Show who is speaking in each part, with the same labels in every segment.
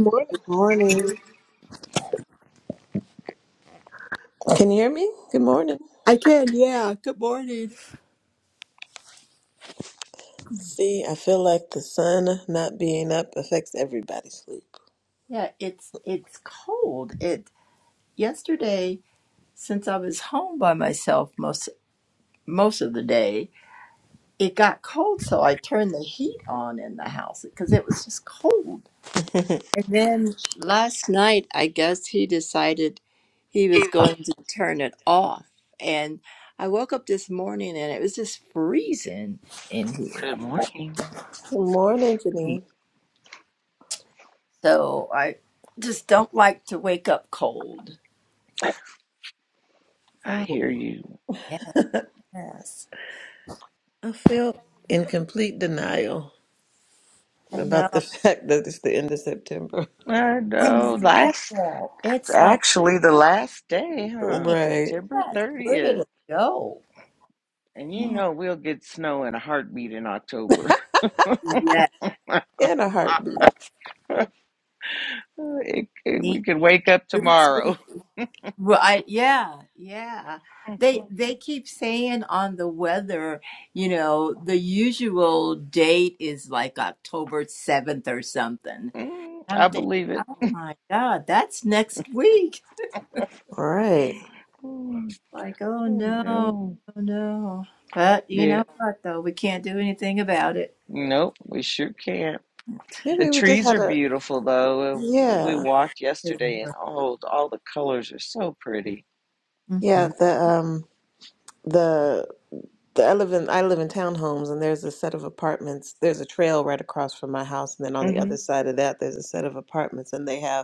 Speaker 1: Morning.
Speaker 2: Morning.
Speaker 1: Can you hear me? Good morning.
Speaker 2: I can, yeah. Good morning.
Speaker 1: See, I feel like the sun not being up affects everybody's sleep.
Speaker 2: Yeah, it's it's cold. It yesterday since I was home by myself most most of the day, it got cold, so I turned the heat on in the house because it was just cold. And then last night, I guess he decided he was going to turn it off. And I woke up this morning and it was just freezing in
Speaker 3: Good morning.
Speaker 1: Good morning,
Speaker 2: here.
Speaker 1: Janine.
Speaker 2: So I just don't like to wake up cold.
Speaker 3: I
Speaker 2: Oh,
Speaker 3: hear you.
Speaker 2: yes.
Speaker 1: I feel in complete denial
Speaker 2: I
Speaker 1: about the
Speaker 2: know.
Speaker 1: fact that it's the end of September.
Speaker 3: I
Speaker 2: I
Speaker 3: know. Last,
Speaker 2: know. It's like,
Speaker 3: actually, the last day,
Speaker 2: hey,
Speaker 3: huh?
Speaker 1: Right.
Speaker 3: September
Speaker 2: yes, where did
Speaker 3: 30th.
Speaker 2: it go?
Speaker 3: And you
Speaker 2: Yeah.
Speaker 3: know we'll get snow in a heartbeat in October.
Speaker 2: Yeah.
Speaker 1: And a heartbeat.
Speaker 3: It, it,
Speaker 2: Need
Speaker 3: we could wake up
Speaker 2: food
Speaker 3: tomorrow.
Speaker 2: smoothie. Right. Yeah. Yeah. They they keep saying on the weather, you know, the usual date is like October 7th or something.
Speaker 3: Mm,
Speaker 2: I'm
Speaker 3: I
Speaker 2: thinking,
Speaker 3: believe it.
Speaker 2: oh my God, that's next week.
Speaker 1: All right.
Speaker 3: Mm,
Speaker 2: Like, oh
Speaker 3: I
Speaker 2: no,
Speaker 3: know.
Speaker 2: oh no. But you
Speaker 3: Yeah.
Speaker 2: know what, though? We can't do anything about it.
Speaker 3: Nope. We sure can't. The
Speaker 1: Maybe we just
Speaker 3: trees
Speaker 1: had
Speaker 3: are
Speaker 1: a
Speaker 3: beautiful though. We
Speaker 1: yeah.
Speaker 3: walked yesterday, and
Speaker 2: silver.
Speaker 3: oh, all the colors are so pretty.
Speaker 1: Yeah,
Speaker 2: hmm
Speaker 1: the um the the I live in I live in townhomes and there's a set of apartments. There's a trail right across from my house and then on the other
Speaker 3: Mm-hmm.
Speaker 1: side of that there's a set of apartments and they have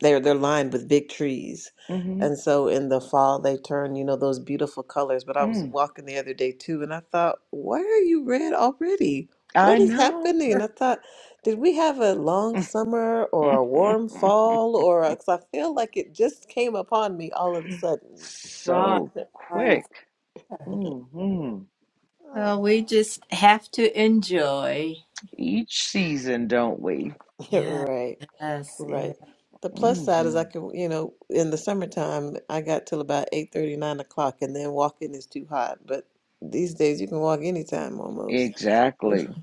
Speaker 1: they're they're lined with big trees
Speaker 3: Mm-hmm.
Speaker 1: and so in the fall they turn you know those beautiful colors but i was
Speaker 3: Mm.
Speaker 1: walking the other day too and i thought why are you red already what
Speaker 3: I
Speaker 1: is
Speaker 3: know.
Speaker 1: happening i thought did we have a long summer or a warm fall or because i feel like it just came upon me all of a sudden
Speaker 2: Right.
Speaker 3: so
Speaker 2: Right.
Speaker 3: quick. hmm
Speaker 2: Well,
Speaker 1: oh
Speaker 2: we just have to enjoy.
Speaker 3: Each season, don't we?
Speaker 2: Yes.
Speaker 1: right
Speaker 2: Yes.
Speaker 1: right
Speaker 2: Yes.
Speaker 1: the plus
Speaker 3: hmm
Speaker 1: side is i can you know in the summertime i got till about eight thirty nine o'clock and then walking is too hot but these days you can walk anytime almost
Speaker 3: Exactly.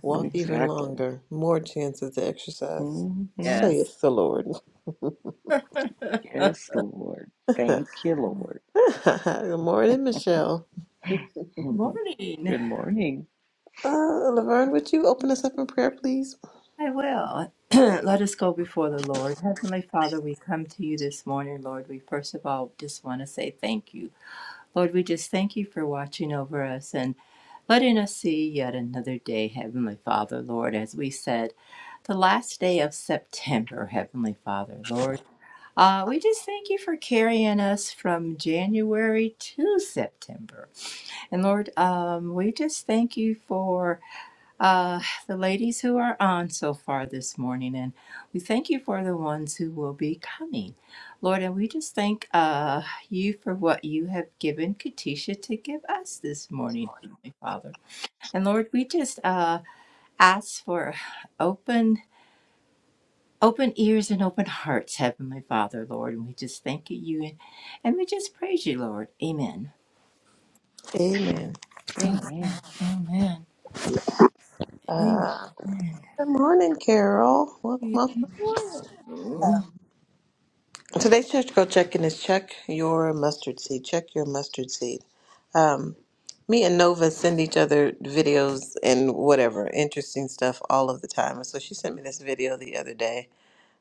Speaker 1: Walk even
Speaker 3: Exactly.
Speaker 1: longer, more chances to exercise,
Speaker 3: hmm
Speaker 2: yes.
Speaker 1: saith the Lord.
Speaker 2: yes.
Speaker 3: Yes, Lord. Thank you, Lord.
Speaker 1: Good morning, Michelle.
Speaker 3: Mhm.
Speaker 2: Morning.
Speaker 3: Good morning.
Speaker 1: Uh, Laverne, would you open us up in prayer, please?
Speaker 2: I will. Let us go before the Lord. Heavenly Father, we come to you this morning, Lord. We first of all just want to say thank you. Lord, we just thank you for watching over us and letting us see yet another day, Heavenly Father, Lord, as we said, the last day of September, Heavenly Father, Lord. Uh, we just thank you for carrying us from January to September. And Lord, um, we just thank you for uh, the ladies who are on so far this morning. And we thank you for the ones who will be coming. Lord, and we just thank uh, you for what you have given Katisha to give us this morning, Heavenly Father. And Lord, we just uh, ask for open Open ears and open hearts, Heavenly Father, Lord. And we just thank you and and we just praise you, Lord. Amen.
Speaker 1: Amen.
Speaker 3: Amen.
Speaker 2: Amen. Amen.
Speaker 1: Uh, good morning, Carol. Welcome, welcome.
Speaker 2: Lord.
Speaker 1: Um, Today's church go check-in is check your mustard seed. Check your mustard seed. Um, me and Nova send each other videos and whatever interesting stuff all of the time. And so she sent me this video the other day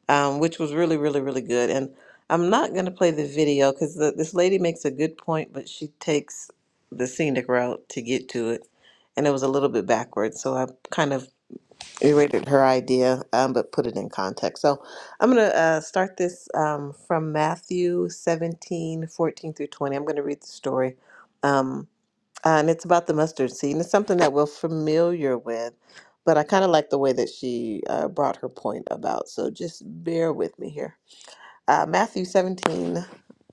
Speaker 1: um, which was really, really, really good. And I'm not going to play the video because this lady makes a good point, but she takes the scenic route to get to it. And it was a little bit backwards. So I kind of erated her idea, um, but put it in context. So I'm going to uh, start this um, from Matthew 17:14 through 20. I'm going to read the story. Um, and it's about the mustard seed, and it's something that we're familiar with. But I kind of like the way that she uh, brought her point about. So just bear with me here. Uh, Matthew 17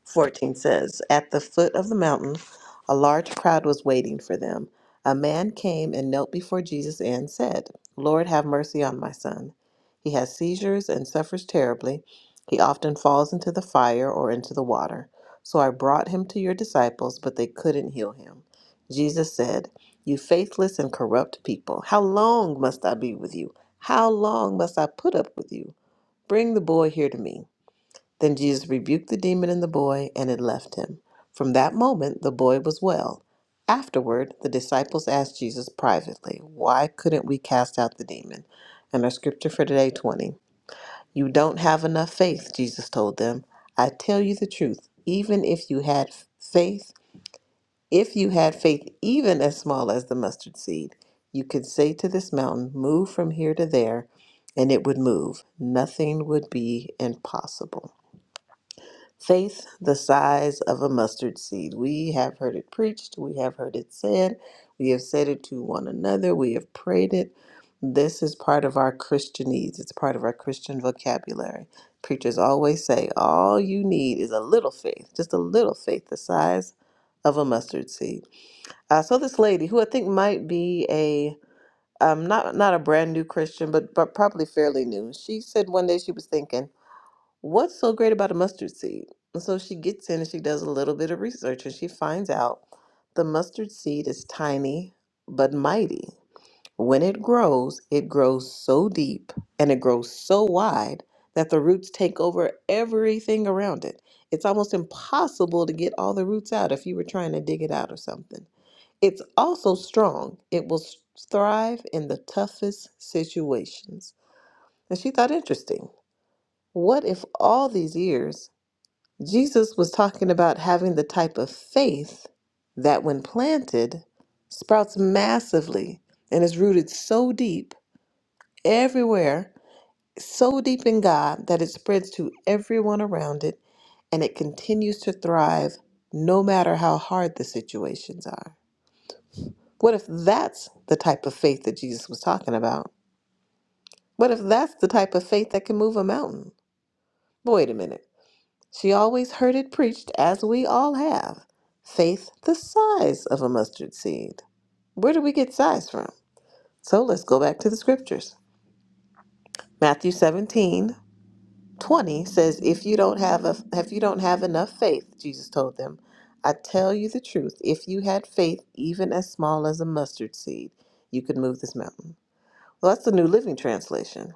Speaker 1: 14 says, At the foot of the mountain, a large crowd was waiting for them. A man came and knelt before Jesus and said, 'Lord, have mercy on my son. He has seizures and suffers terribly. He often falls into the fire or into the water. So I brought him to your disciples, but they couldn't heal him. Jesus said, 'You faithless and corrupt people, how long must I be with you? How long must I put up with you? Bring the boy here to me. Then Jesus rebuked the demon in the boy, and it left him. From that moment, the boy was well. Afterward, the disciples asked Jesus privately, Why couldn't we cast out the demon? And our scripture for today 20. You don't have enough faith, Jesus told them. I tell you the truth, even if you had faith, if you had faith even as small as the mustard seed, you could say to this mountain, 'Move from here to there, and it would move. Nothing would be impossible. Faith the size of a mustard seed. We have heard it preached, we have heard it said, we have said it to one another, we have prayed it. This is part of our Christianese, it's part of our Christian vocabulary. Preachers always say, all you need is a little faith, just a little faith the size of a mustard seed. Uh, so this lady, who I think might be a um, not not a brand new Christian, but but probably fairly new. She said one day she was thinking. What's so great about a mustard seed? And so she gets in and she does a little bit of research and she finds out the mustard seed is tiny but mighty. When it grows, it grows so deep and it grows so wide that the roots take over everything around it. It's almost impossible to get all the roots out if you were trying to dig it out or something. It's also strong, it will s- thrive in the toughest situations. And she thought, interesting. What if all these years Jesus was talking about having the type of faith that, when planted, sprouts massively and is rooted so deep everywhere, so deep in God that it spreads to everyone around it and it continues to thrive no matter how hard the situations are. What if that's the type of faith that Jesus was talking about? What if that's the type of faith that can move a mountain? Wait a minute. She always heard it preached, as we all have faith the size of a mustard seed. Where do we get size from? So let's go back to the scriptures. Matthew 17 20 says, If you don't have a, if you don't have enough faith, Jesus told them, I tell you the truth, if you had faith even as small as a mustard seed, you could move this mountain. Well, that's the New Living Translation.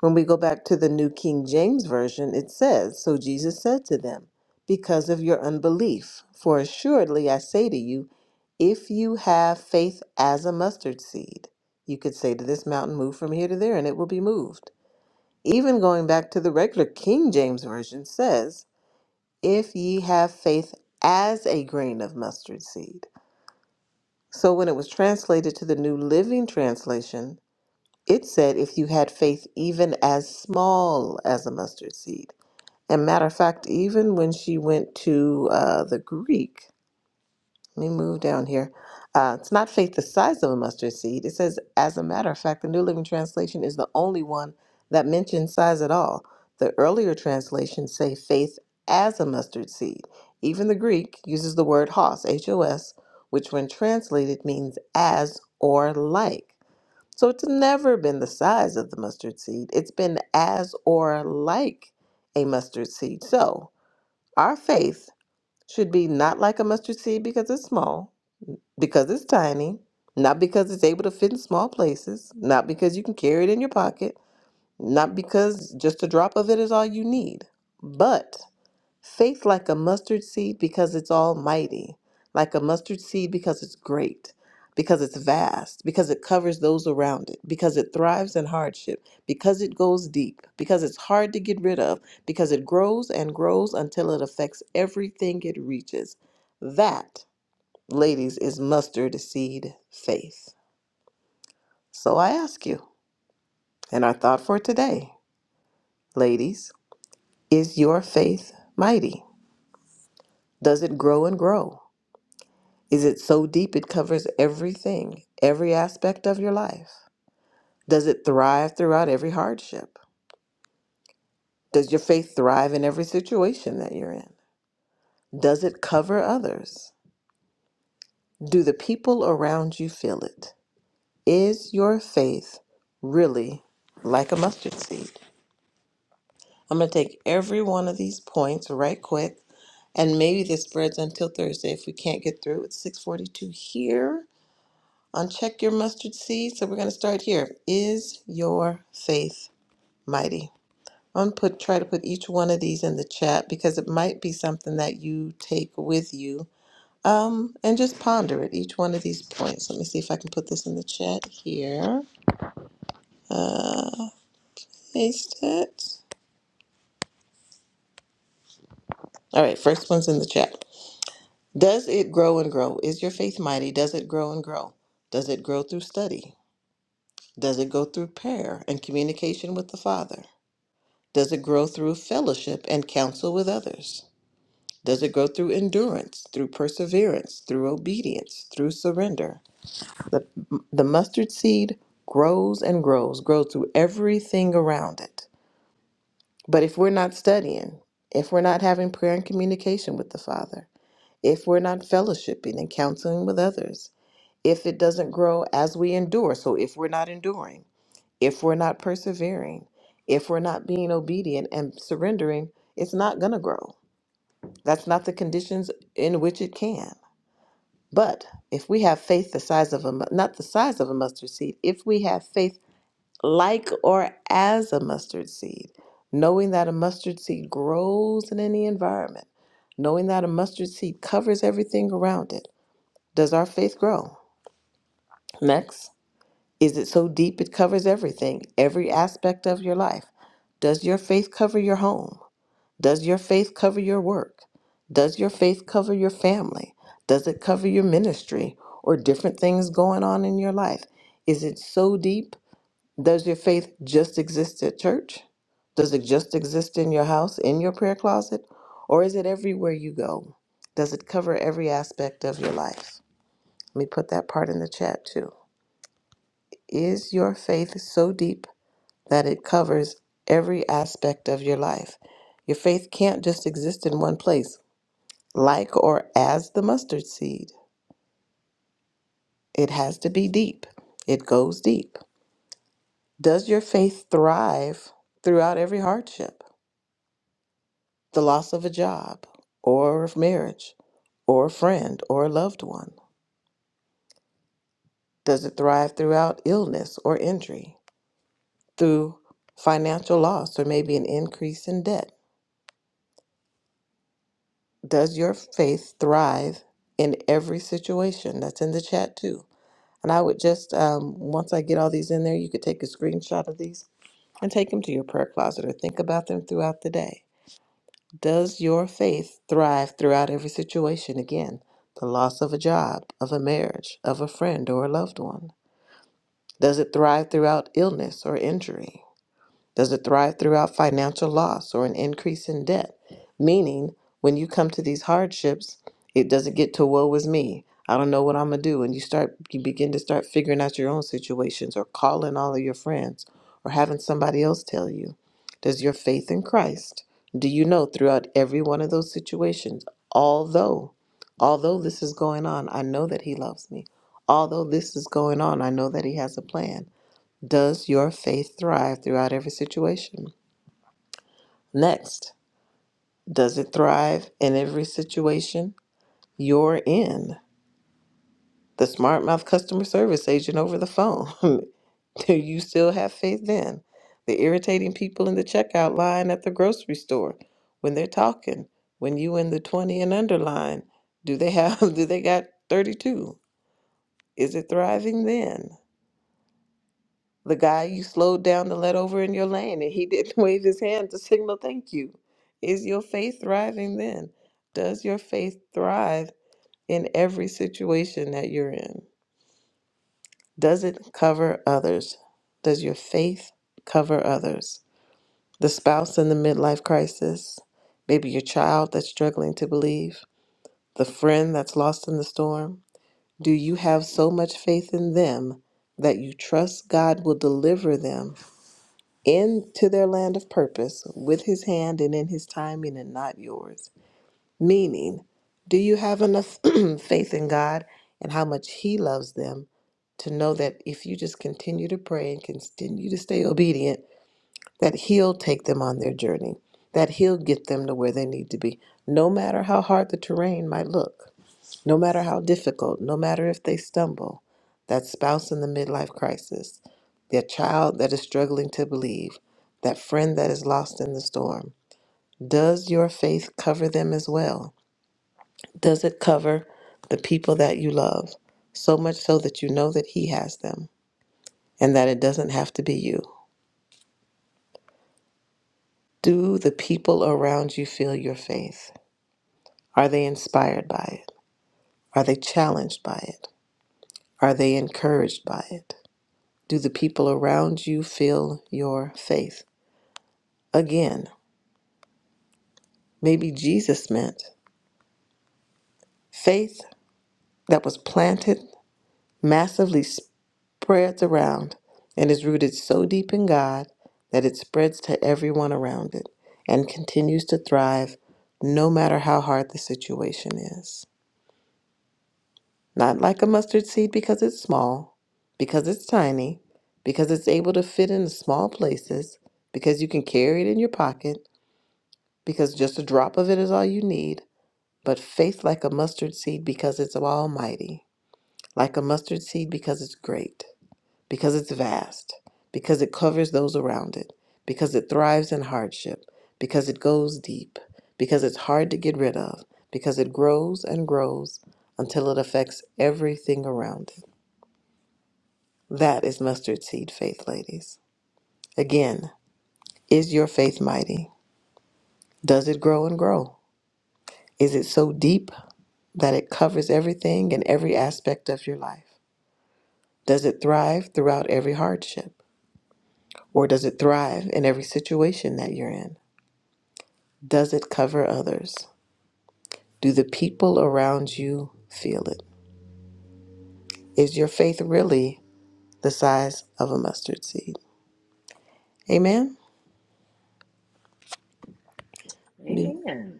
Speaker 1: When we go back to the New King James Version, it says, So Jesus said to them, Because of your unbelief, for assuredly I say to you, if you have faith as a mustard seed, you could say to this mountain, Move from here to there, and it will be moved. Even going back to the regular King James Version says, If ye have faith as a grain of mustard seed. So when it was translated to the New Living Translation, it said, if you had faith even as small as a mustard seed. And matter of fact, even when she went to uh, the Greek, let me move down here. Uh, it's not faith the size of a mustard seed. It says, as a matter of fact, the New Living Translation is the only one that mentions size at all. The earlier translations say faith as a mustard seed. Even the Greek uses the word hos, H O S, which when translated means as or like. So it's never been the size of the mustard seed. It's been as or like a mustard seed. So our faith should be not like a mustard seed because it's small, because it's tiny, not because it's able to fit in small places, not because you can carry it in your pocket, not because just a drop of it is all you need, but Faith like a mustard seed because it's almighty, like a mustard seed because it's great, because it's vast, because it covers those around it, because it thrives in hardship, because it goes deep, because it's hard to get rid of, because it grows and grows until it affects everything it reaches. That, ladies, is mustard seed faith. So I ask you, and our thought for today, ladies, is your faith mighty? Does it grow and grow? Is it so deep it covers everything, every aspect of your life? Does it thrive throughout every hardship? Does your faith thrive in every situation that you're in? Does it cover others? Do the people around you feel it? Is your faith really like a mustard seed? I'm going to take every one of these points right quick and maybe this spreads until Thursday if we can't get through. It's 6:42 here Uncheck your mustard seed. So we're going to start here. Is your faith mighty? I'm gonna put try to put each one of these in the chat because it might be something that you take with you. Um, and just ponder it. Each one of these points. Let me see if I can put this in the chat here. Paste it. All right, first one's in the chat. Does it grow and grow? Is your faith mighty? Does it grow and grow? Does it grow through study? Does it go through prayer and communication with the Father? Does it grow through fellowship and counsel with others? Does it grow through endurance, through perseverance, through obedience, through surrender? The, the mustard seed grows and grows, grows through everything around it. But if we're not studying, if we're not having prayer and communication with the Father, if we're not fellowshipping and counseling with others, if it doesn't grow as we endure, so if we're not enduring, if we're not persevering, if we're not being obedient and surrendering, it's not going to grow. That's not the conditions in which it can. But if we have faith the size of a mu- not the size of a mustard seed, if we have faith like or as a mustard seed, knowing that a mustard seed grows in any environment, knowing that a mustard seed covers everything around it, does our faith grow? Next. Is it so deep it covers everything, every aspect of your life? Does your faith cover your home? Does your faith cover your work? Does your faith cover your family? Does it cover your ministry or different things going on in your life? Is it so deep? Does your faith just exist at church? Does it just exist in your house, in your prayer closet? Or is it everywhere you go? Does it cover every aspect of your life? Let me put that part in the chat too. Is your faith so deep that it covers every aspect of your life. Your faith can't just exist in one place, like or as the mustard seed. It has to be deep, it goes deep. Does your faith thrive throughout every hardship? The loss of a job, or of marriage, or a friend, or a loved one? Does it thrive throughout illness or injury, through financial loss, or maybe an increase in debt? Does your faith thrive in every situation? That's in the chat too. And I would just, um, once I get all these in there, you could take a screenshot of these and take them to your prayer closet or think about them throughout the day. Does your faith thrive throughout every situation? Again, the loss of a job, of a marriage, of a friend or a loved one. Does it thrive throughout illness or injury? Does it thrive throughout financial loss or an increase in debt? Meaning, when you come to these hardships, it doesn't get to woe is me. I don't know what I'm gonna do. And you start you begin to start figuring out your own situations or calling all of your friends or having somebody else tell you. Does your faith in Christ do you know throughout every one of those situations, although although this is going on, I know that he loves me. Although this is going on, I know that he has a plan. Does your faith thrive throughout every situation? Next, does it thrive in every situation you're in? The smart mouth customer service agent over the phone. Do you still have faith then? The irritating people in the checkout line at the grocery store when they're talking. When you in the 20 and under line, do they have do they got 32? Is it thriving then? The guy you slowed down to let over in your lane, and he didn't wave his hand to signal thank you. Is your faith thriving then? Does your faith thrive in every situation that you're in? Does it cover others? Does your faith cover others? The spouse in the midlife crisis, maybe your child that's struggling to believe, the friend that's lost in the storm. Do you have so much faith in them that you trust God will deliver them into their land of purpose with his hand and in his timing and not yours. Meaning, do you have enough faith in God and how much he loves them to know that if you just continue to pray and continue to stay obedient, that he'll take them on their journey, that he'll get them to where they need to be, no matter how hard the terrain might look? No matter how difficult, no matter if they stumble, that spouse in the midlife crisis, their child that is struggling to believe, that friend that is lost in the storm, does your faith cover them as well? Does it cover the people that you love, so much so that you know that He has them and that it doesn't have to be you? Do the people around you feel your faith? Are they inspired by it? Are they challenged by it? Are they encouraged by it? Do the people around you feel your faith? Again, maybe Jesus meant faith that was planted, massively spreads around, and is rooted so deep in God that it spreads to everyone around it and continues to thrive no matter how hard the situation is. Not like a mustard seed because it's small, because it's tiny, because it's able to fit in small places, because you can carry it in your pocket because just a drop of it is all you need, but faith like a mustard seed because it's almighty, like a mustard seed because it's great, because it's vast, because it covers those around it, because it thrives in hardship, because it goes deep, because it's hard to get rid of, because it grows and grows until it affects everything around it. That is mustard seed faith, ladies. Again, is your faith mighty? Does it grow and grow? Is it so deep that it covers everything and every aspect of your life? Does it thrive throughout every hardship? Or does it thrive in every situation that you're in? Does it cover others? Do the people around you feel it? Is your faith really the size of a mustard seed? Amen? Me-
Speaker 3: Amen.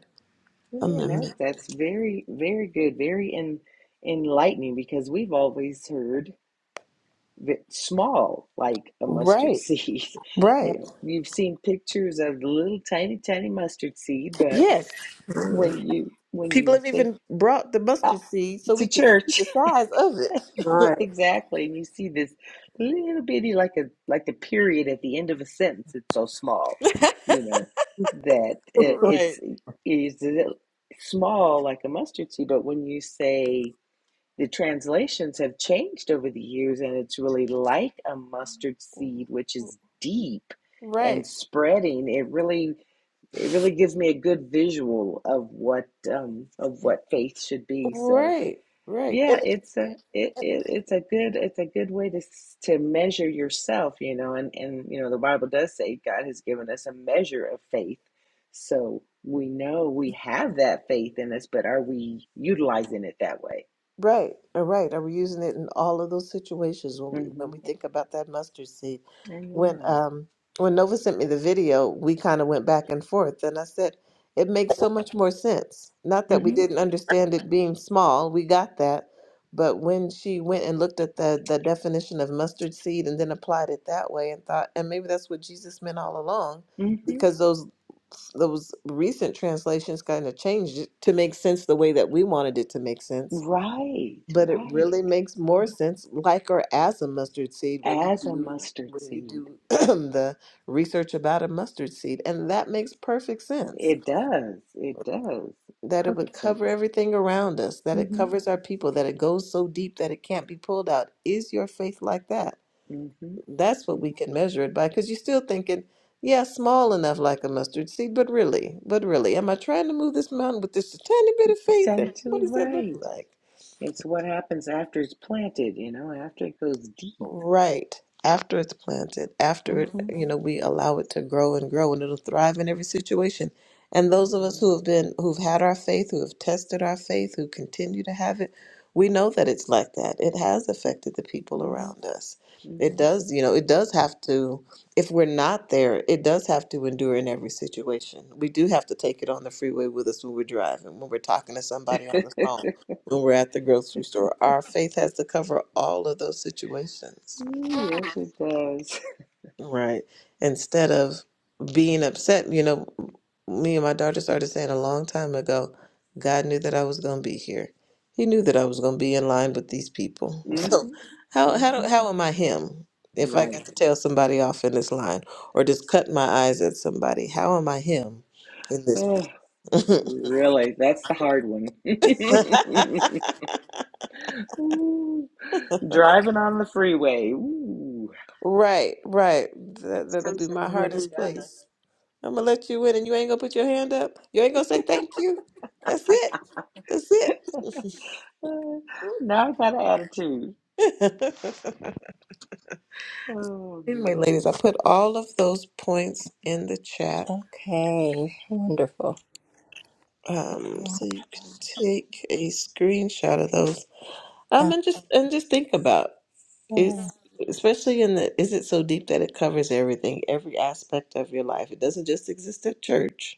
Speaker 1: I'm-
Speaker 3: Amen. That,
Speaker 1: I'm-
Speaker 3: that's very, very good, very en, enlightening because we've always heard small like a mustard
Speaker 1: Right,
Speaker 3: seed. You
Speaker 1: right.
Speaker 3: know, you've seen pictures of the little tiny, tiny mustard seed, but
Speaker 1: Yes.
Speaker 3: when you when
Speaker 1: People
Speaker 3: you
Speaker 1: have
Speaker 3: think
Speaker 1: even brought the
Speaker 3: ah,
Speaker 1: mustard seed so
Speaker 3: to
Speaker 1: we can see
Speaker 3: church,
Speaker 1: the size of it.
Speaker 3: exactly, and you see this little bitty like a like the period at the end of a sentence. It's so small, you know, that it,
Speaker 1: right,
Speaker 3: it's it's small like a mustard seed. But when you say the translations have changed over the years, and it's really like a mustard seed, which is deep and
Speaker 1: right.
Speaker 3: spreading. It really, it really gives me a good visual of what um, of what faith should be. So,
Speaker 1: Right, right.
Speaker 3: yeah,
Speaker 1: And,
Speaker 3: it's a it, it it's a good it's a good way to to measure yourself, you know. And and you know, the Bible does say God has given us a measure of faith, so we know we have that faith in us, but are we utilizing it that way?
Speaker 1: Right, all right. And we're using it in all of those situations when we
Speaker 3: Mm-hmm.
Speaker 1: when we think about that mustard seed. When
Speaker 3: Amen.
Speaker 1: um when Nova sent me the video, we kind of went back and forth, and I said it makes so much more sense. Not that we
Speaker 3: hmm
Speaker 1: didn't understand it being small, we got that, but when she went and looked at the the definition of mustard seed and then applied it that way and thought, and maybe that's what Jesus meant all along,
Speaker 3: hmm
Speaker 1: because those those recent translations kind of changed it to make sense the way that we wanted it to make sense
Speaker 3: Right,
Speaker 1: but it
Speaker 3: right.
Speaker 1: really makes more sense, like or as a mustard seed, when you
Speaker 3: As a
Speaker 1: do
Speaker 3: mustard
Speaker 1: when you
Speaker 3: seed.
Speaker 1: do the research about a mustard seed, and that makes perfect sense.
Speaker 3: It does. It does.
Speaker 1: That it would
Speaker 3: Perfect
Speaker 1: cover
Speaker 3: sense.
Speaker 1: everything around us, that it
Speaker 3: hmm
Speaker 1: covers our people, that it goes so deep that it can't be pulled out. Is your faith like that?
Speaker 3: hmm
Speaker 1: That's what we can measure it by, because you're still thinking, yeah, small enough like a mustard seed, but really, but really, am I trying to move this mountain with this tiny bit of faith?
Speaker 3: Said
Speaker 1: And
Speaker 3: it to the
Speaker 1: what does that look
Speaker 3: right.
Speaker 1: like?
Speaker 3: It's what happens after it's planted, you know, after it goes deep.
Speaker 1: Right. After it's planted, after it,
Speaker 3: Mm-hmm.
Speaker 1: you know, we allow it to grow and grow and it'll thrive in every situation. And those of us who have been, who've had our faith, who have tested our faith, who continue to have it, we know that it's like that. It has affected the people
Speaker 3: Mm-hmm.
Speaker 1: around us. It does, you know, it does have to, if we're not there, it does have to endure in every situation. We do have to take it on the freeway with us when we're driving, when we're talking to somebody
Speaker 3: Mm-hmm.
Speaker 1: on the phone when we're at the grocery store. Our faith has to cover all of those situations,
Speaker 3: yes, it does.
Speaker 1: right? Instead of being upset, you know, me and my daughter started saying a long time ago, God knew that I was going to be here. He knew that I was going to be in line with these people. So
Speaker 3: Mm-hmm.
Speaker 1: how how do,
Speaker 3: Mm-hmm.
Speaker 1: how am I him? If I got
Speaker 3: Right.
Speaker 1: to tell somebody off in this line or just cut my eyes at somebody, how am I him in this? place?
Speaker 3: Oh, really? That's the hard one. Ooh, driving on the freeway. Ooh,
Speaker 1: Right, right. That that'll be
Speaker 4: Texas
Speaker 1: my
Speaker 4: you here in
Speaker 1: hardest
Speaker 4: Dallas.
Speaker 1: place. I'm gonna let you in, and you ain't gonna put your hand up. You ain't gonna say thank you. That's it. That's it.
Speaker 3: uh, now I got an attitude. Oh
Speaker 1: anyway,
Speaker 3: boy,
Speaker 1: ladies, I put all of those points in the chat,
Speaker 2: Okay. Wonderful.
Speaker 1: um, so you can take a screenshot of those.
Speaker 2: Uh,
Speaker 1: Um, and just and just think about it, especially in the is it so deep that it covers everything, every aspect of your life. It doesn't just exist at church.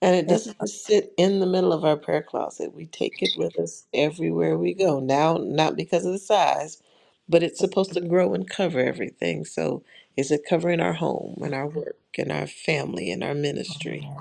Speaker 1: And it
Speaker 2: yeah.
Speaker 1: doesn't just sit in the middle of our prayer closet. We take it with us everywhere we go. Now, not because of the size, but it's supposed to grow and cover everything. So, is it covering our home and our work and our family and our ministry?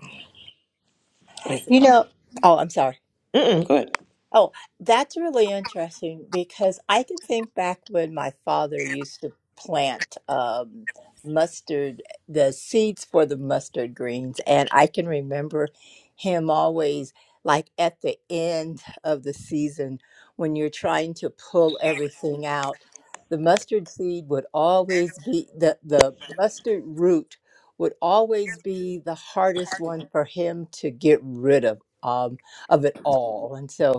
Speaker 1: Is it?
Speaker 2: You know, oh, I'm sorry.
Speaker 1: Mm-mm, go ahead.
Speaker 2: Oh, that's really interesting because I can think back when my father used to plant um, mustard, the seeds for the mustard greens. And I can remember him always, like at the end of the season, when you're trying to pull everything out, the mustard seed would always be the, the mustard root would always be the hardest one for him to get rid of um, of it all. And so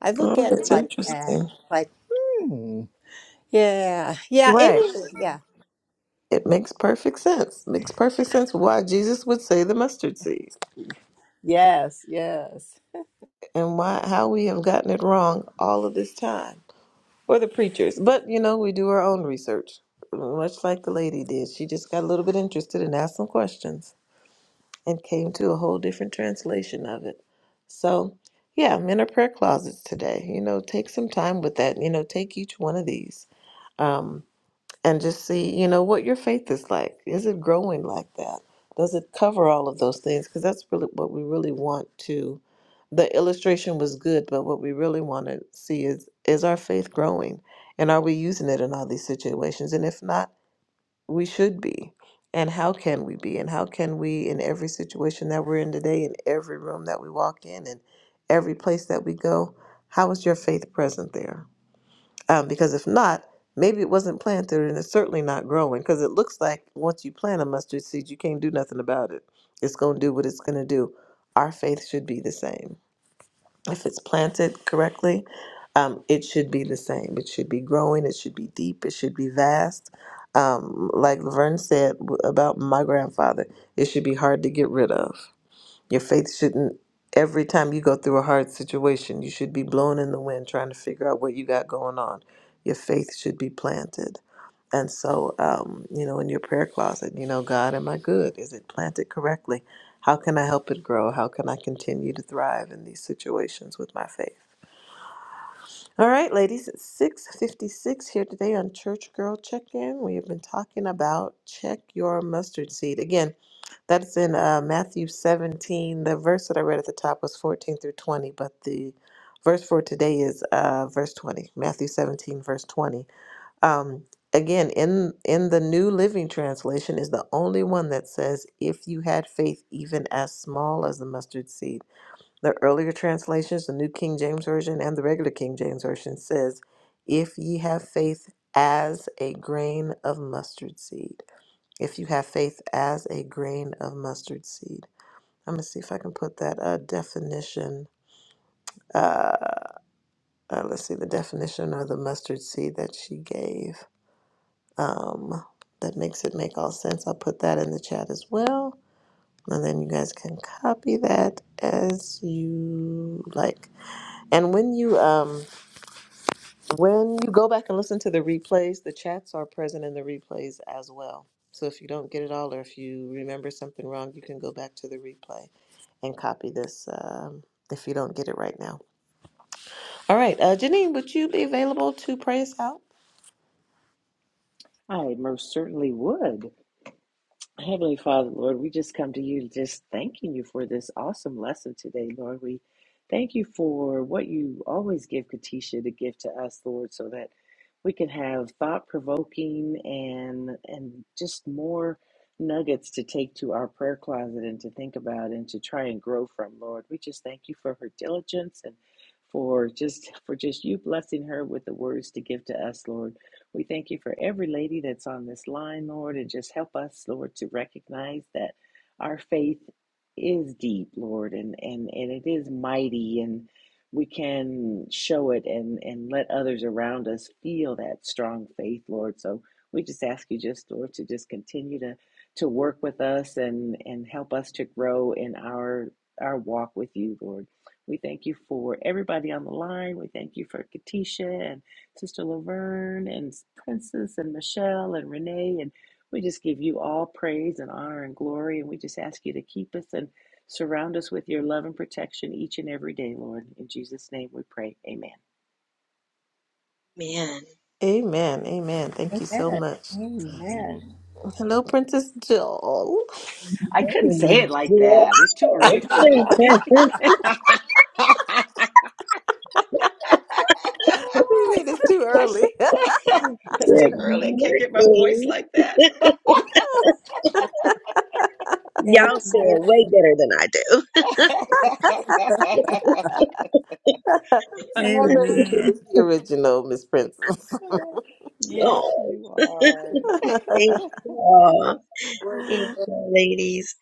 Speaker 2: I look
Speaker 1: Oh,
Speaker 2: at it
Speaker 1: that's
Speaker 2: like that,
Speaker 1: interesting.
Speaker 2: like, hmm, yeah, yeah, it
Speaker 1: Right.
Speaker 2: is, yeah.
Speaker 1: It makes perfect sense. Makes perfect sense why Jesus would say the mustard seed
Speaker 2: Yes, yes.
Speaker 1: and why how we have gotten it wrong all of this time. Or the preachers. But you know, we do our own research, much like the lady did. She just got a little bit interested and asked some questions and came to a whole different translation of it. So, yeah, I'm in our prayer closets today. You know, take some time with that. You know, take each one of these. Um, and just see, you know, what your faith is like. Is it growing like that? Does it cover all of those things? Because that's really what we really want to. The illustration was good, but what we really want to see is is our faith growing, and are we using it in all these situations? And if not, we should be. And how can we be? And how can we, in every situation that we're in today, in every room that we walk in, and every place that we go, how is your faith present there? um, because if not, maybe it wasn't planted and it's certainly not growing because it looks like once you plant a mustard seed, you can't do nothing about it. It's going to do what it's going to do. Our faith should be the same. If it's planted correctly, um, it should be the same. It should be growing, it should be deep, it should be vast. Um, like Laverne said w- about my grandfather, it should be hard to get rid of. Your faith shouldn't, every time you go through a hard situation, you should be blown in the wind trying to figure out what you got going on. Your faith should be planted. And so, um, you know, in your prayer closet, you know, God, am I good? Is it planted correctly? How can I help it grow? How can I continue to thrive in these situations with my faith? All right, ladies, it's 656 here today on Church Girl Check In. We have been talking about check your mustard seed. Again, that's in uh, Matthew 17. The verse that I read at the top was 14 through 20, but the verse for today is uh, verse 20, Matthew 17, verse 20. Um, again, in in the New Living Translation is the only one that says, "If you had faith even as small as the mustard seed." The earlier translations, the New King James Version and the regular King James Version, says, "If ye have faith as a grain of mustard seed." If you have faith as a grain of mustard seed. I'm going to see if I can put that uh, definition. Uh, uh, let's see, the definition of the mustard seed that she gave. Um, that makes it make all sense. I'll put that in the chat as well. And then you guys can copy that as you like. And when you um when you go back and listen to the replays, the chats are present in the replays as well. So if you don't get it all or if you remember something wrong, you can go back to the replay and copy this um, if you don't get it right now. All right, uh, Janine, would you be available to pray us out?
Speaker 3: I most certainly would. Heavenly Father, Lord, we just come to you just thanking you for this awesome lesson today, Lord. We thank you for what you always give Katisha to give to us, Lord, so that we can have thought provoking and and just more nuggets to take to our prayer closet and to think about and to try and grow from, Lord. We just thank you for her diligence and for just for just you blessing her with the words to give to us, Lord. We thank you for every lady that's on this line, Lord, and just help us, Lord, to recognize that our faith is deep, Lord, and, and, and it is mighty, and we can show it and, and let others around us feel that strong faith, Lord. So we just ask you just, Lord, to just continue to, to work with us and, and help us to grow in our our walk with you, Lord. We thank you for everybody on the line. We thank you for Katisha and Sister Laverne and Princess and Michelle and Renee. And we just give you all praise and honor and glory. And we just ask you to keep us and surround us with your love and protection each and every day, Lord. In Jesus' name we pray. Amen.
Speaker 5: Man,
Speaker 1: Amen, amen. Thank you so
Speaker 2: Amen.
Speaker 1: much.
Speaker 3: Amen.
Speaker 2: Amen.
Speaker 1: Hello, Princess Jill.
Speaker 3: I
Speaker 5: Good
Speaker 3: couldn't say it
Speaker 5: morning.
Speaker 3: like that. It's too early for me.
Speaker 1: What do You mean it's too early? it's
Speaker 3: it's too early. I can't get my voice like that.
Speaker 2: Amen.
Speaker 5: Y'all say it way better than I
Speaker 1: never as good
Speaker 5: do.
Speaker 2: Amen.
Speaker 1: as the original, Miss Princess.
Speaker 2: Yes.
Speaker 3: yes,
Speaker 5: oh,
Speaker 3: you
Speaker 5: thank
Speaker 3: are.
Speaker 5: you. all. Thank
Speaker 2: Wonderful.
Speaker 5: you, ladies.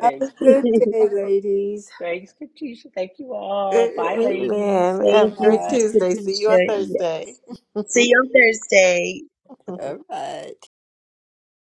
Speaker 2: Have
Speaker 3: Thank
Speaker 2: a
Speaker 5: thank
Speaker 3: you.
Speaker 2: good day, ladies.
Speaker 3: Thanks, Katisha. Thank you all. Bye, ladies.
Speaker 1: amen.
Speaker 2: Bye
Speaker 1: Have a
Speaker 5: you,
Speaker 1: great
Speaker 2: bye.
Speaker 5: Sister
Speaker 1: Tuesday. See you on
Speaker 5: Katisha. Yeah.
Speaker 1: Thursday.
Speaker 5: See you on Thursday.
Speaker 2: All right.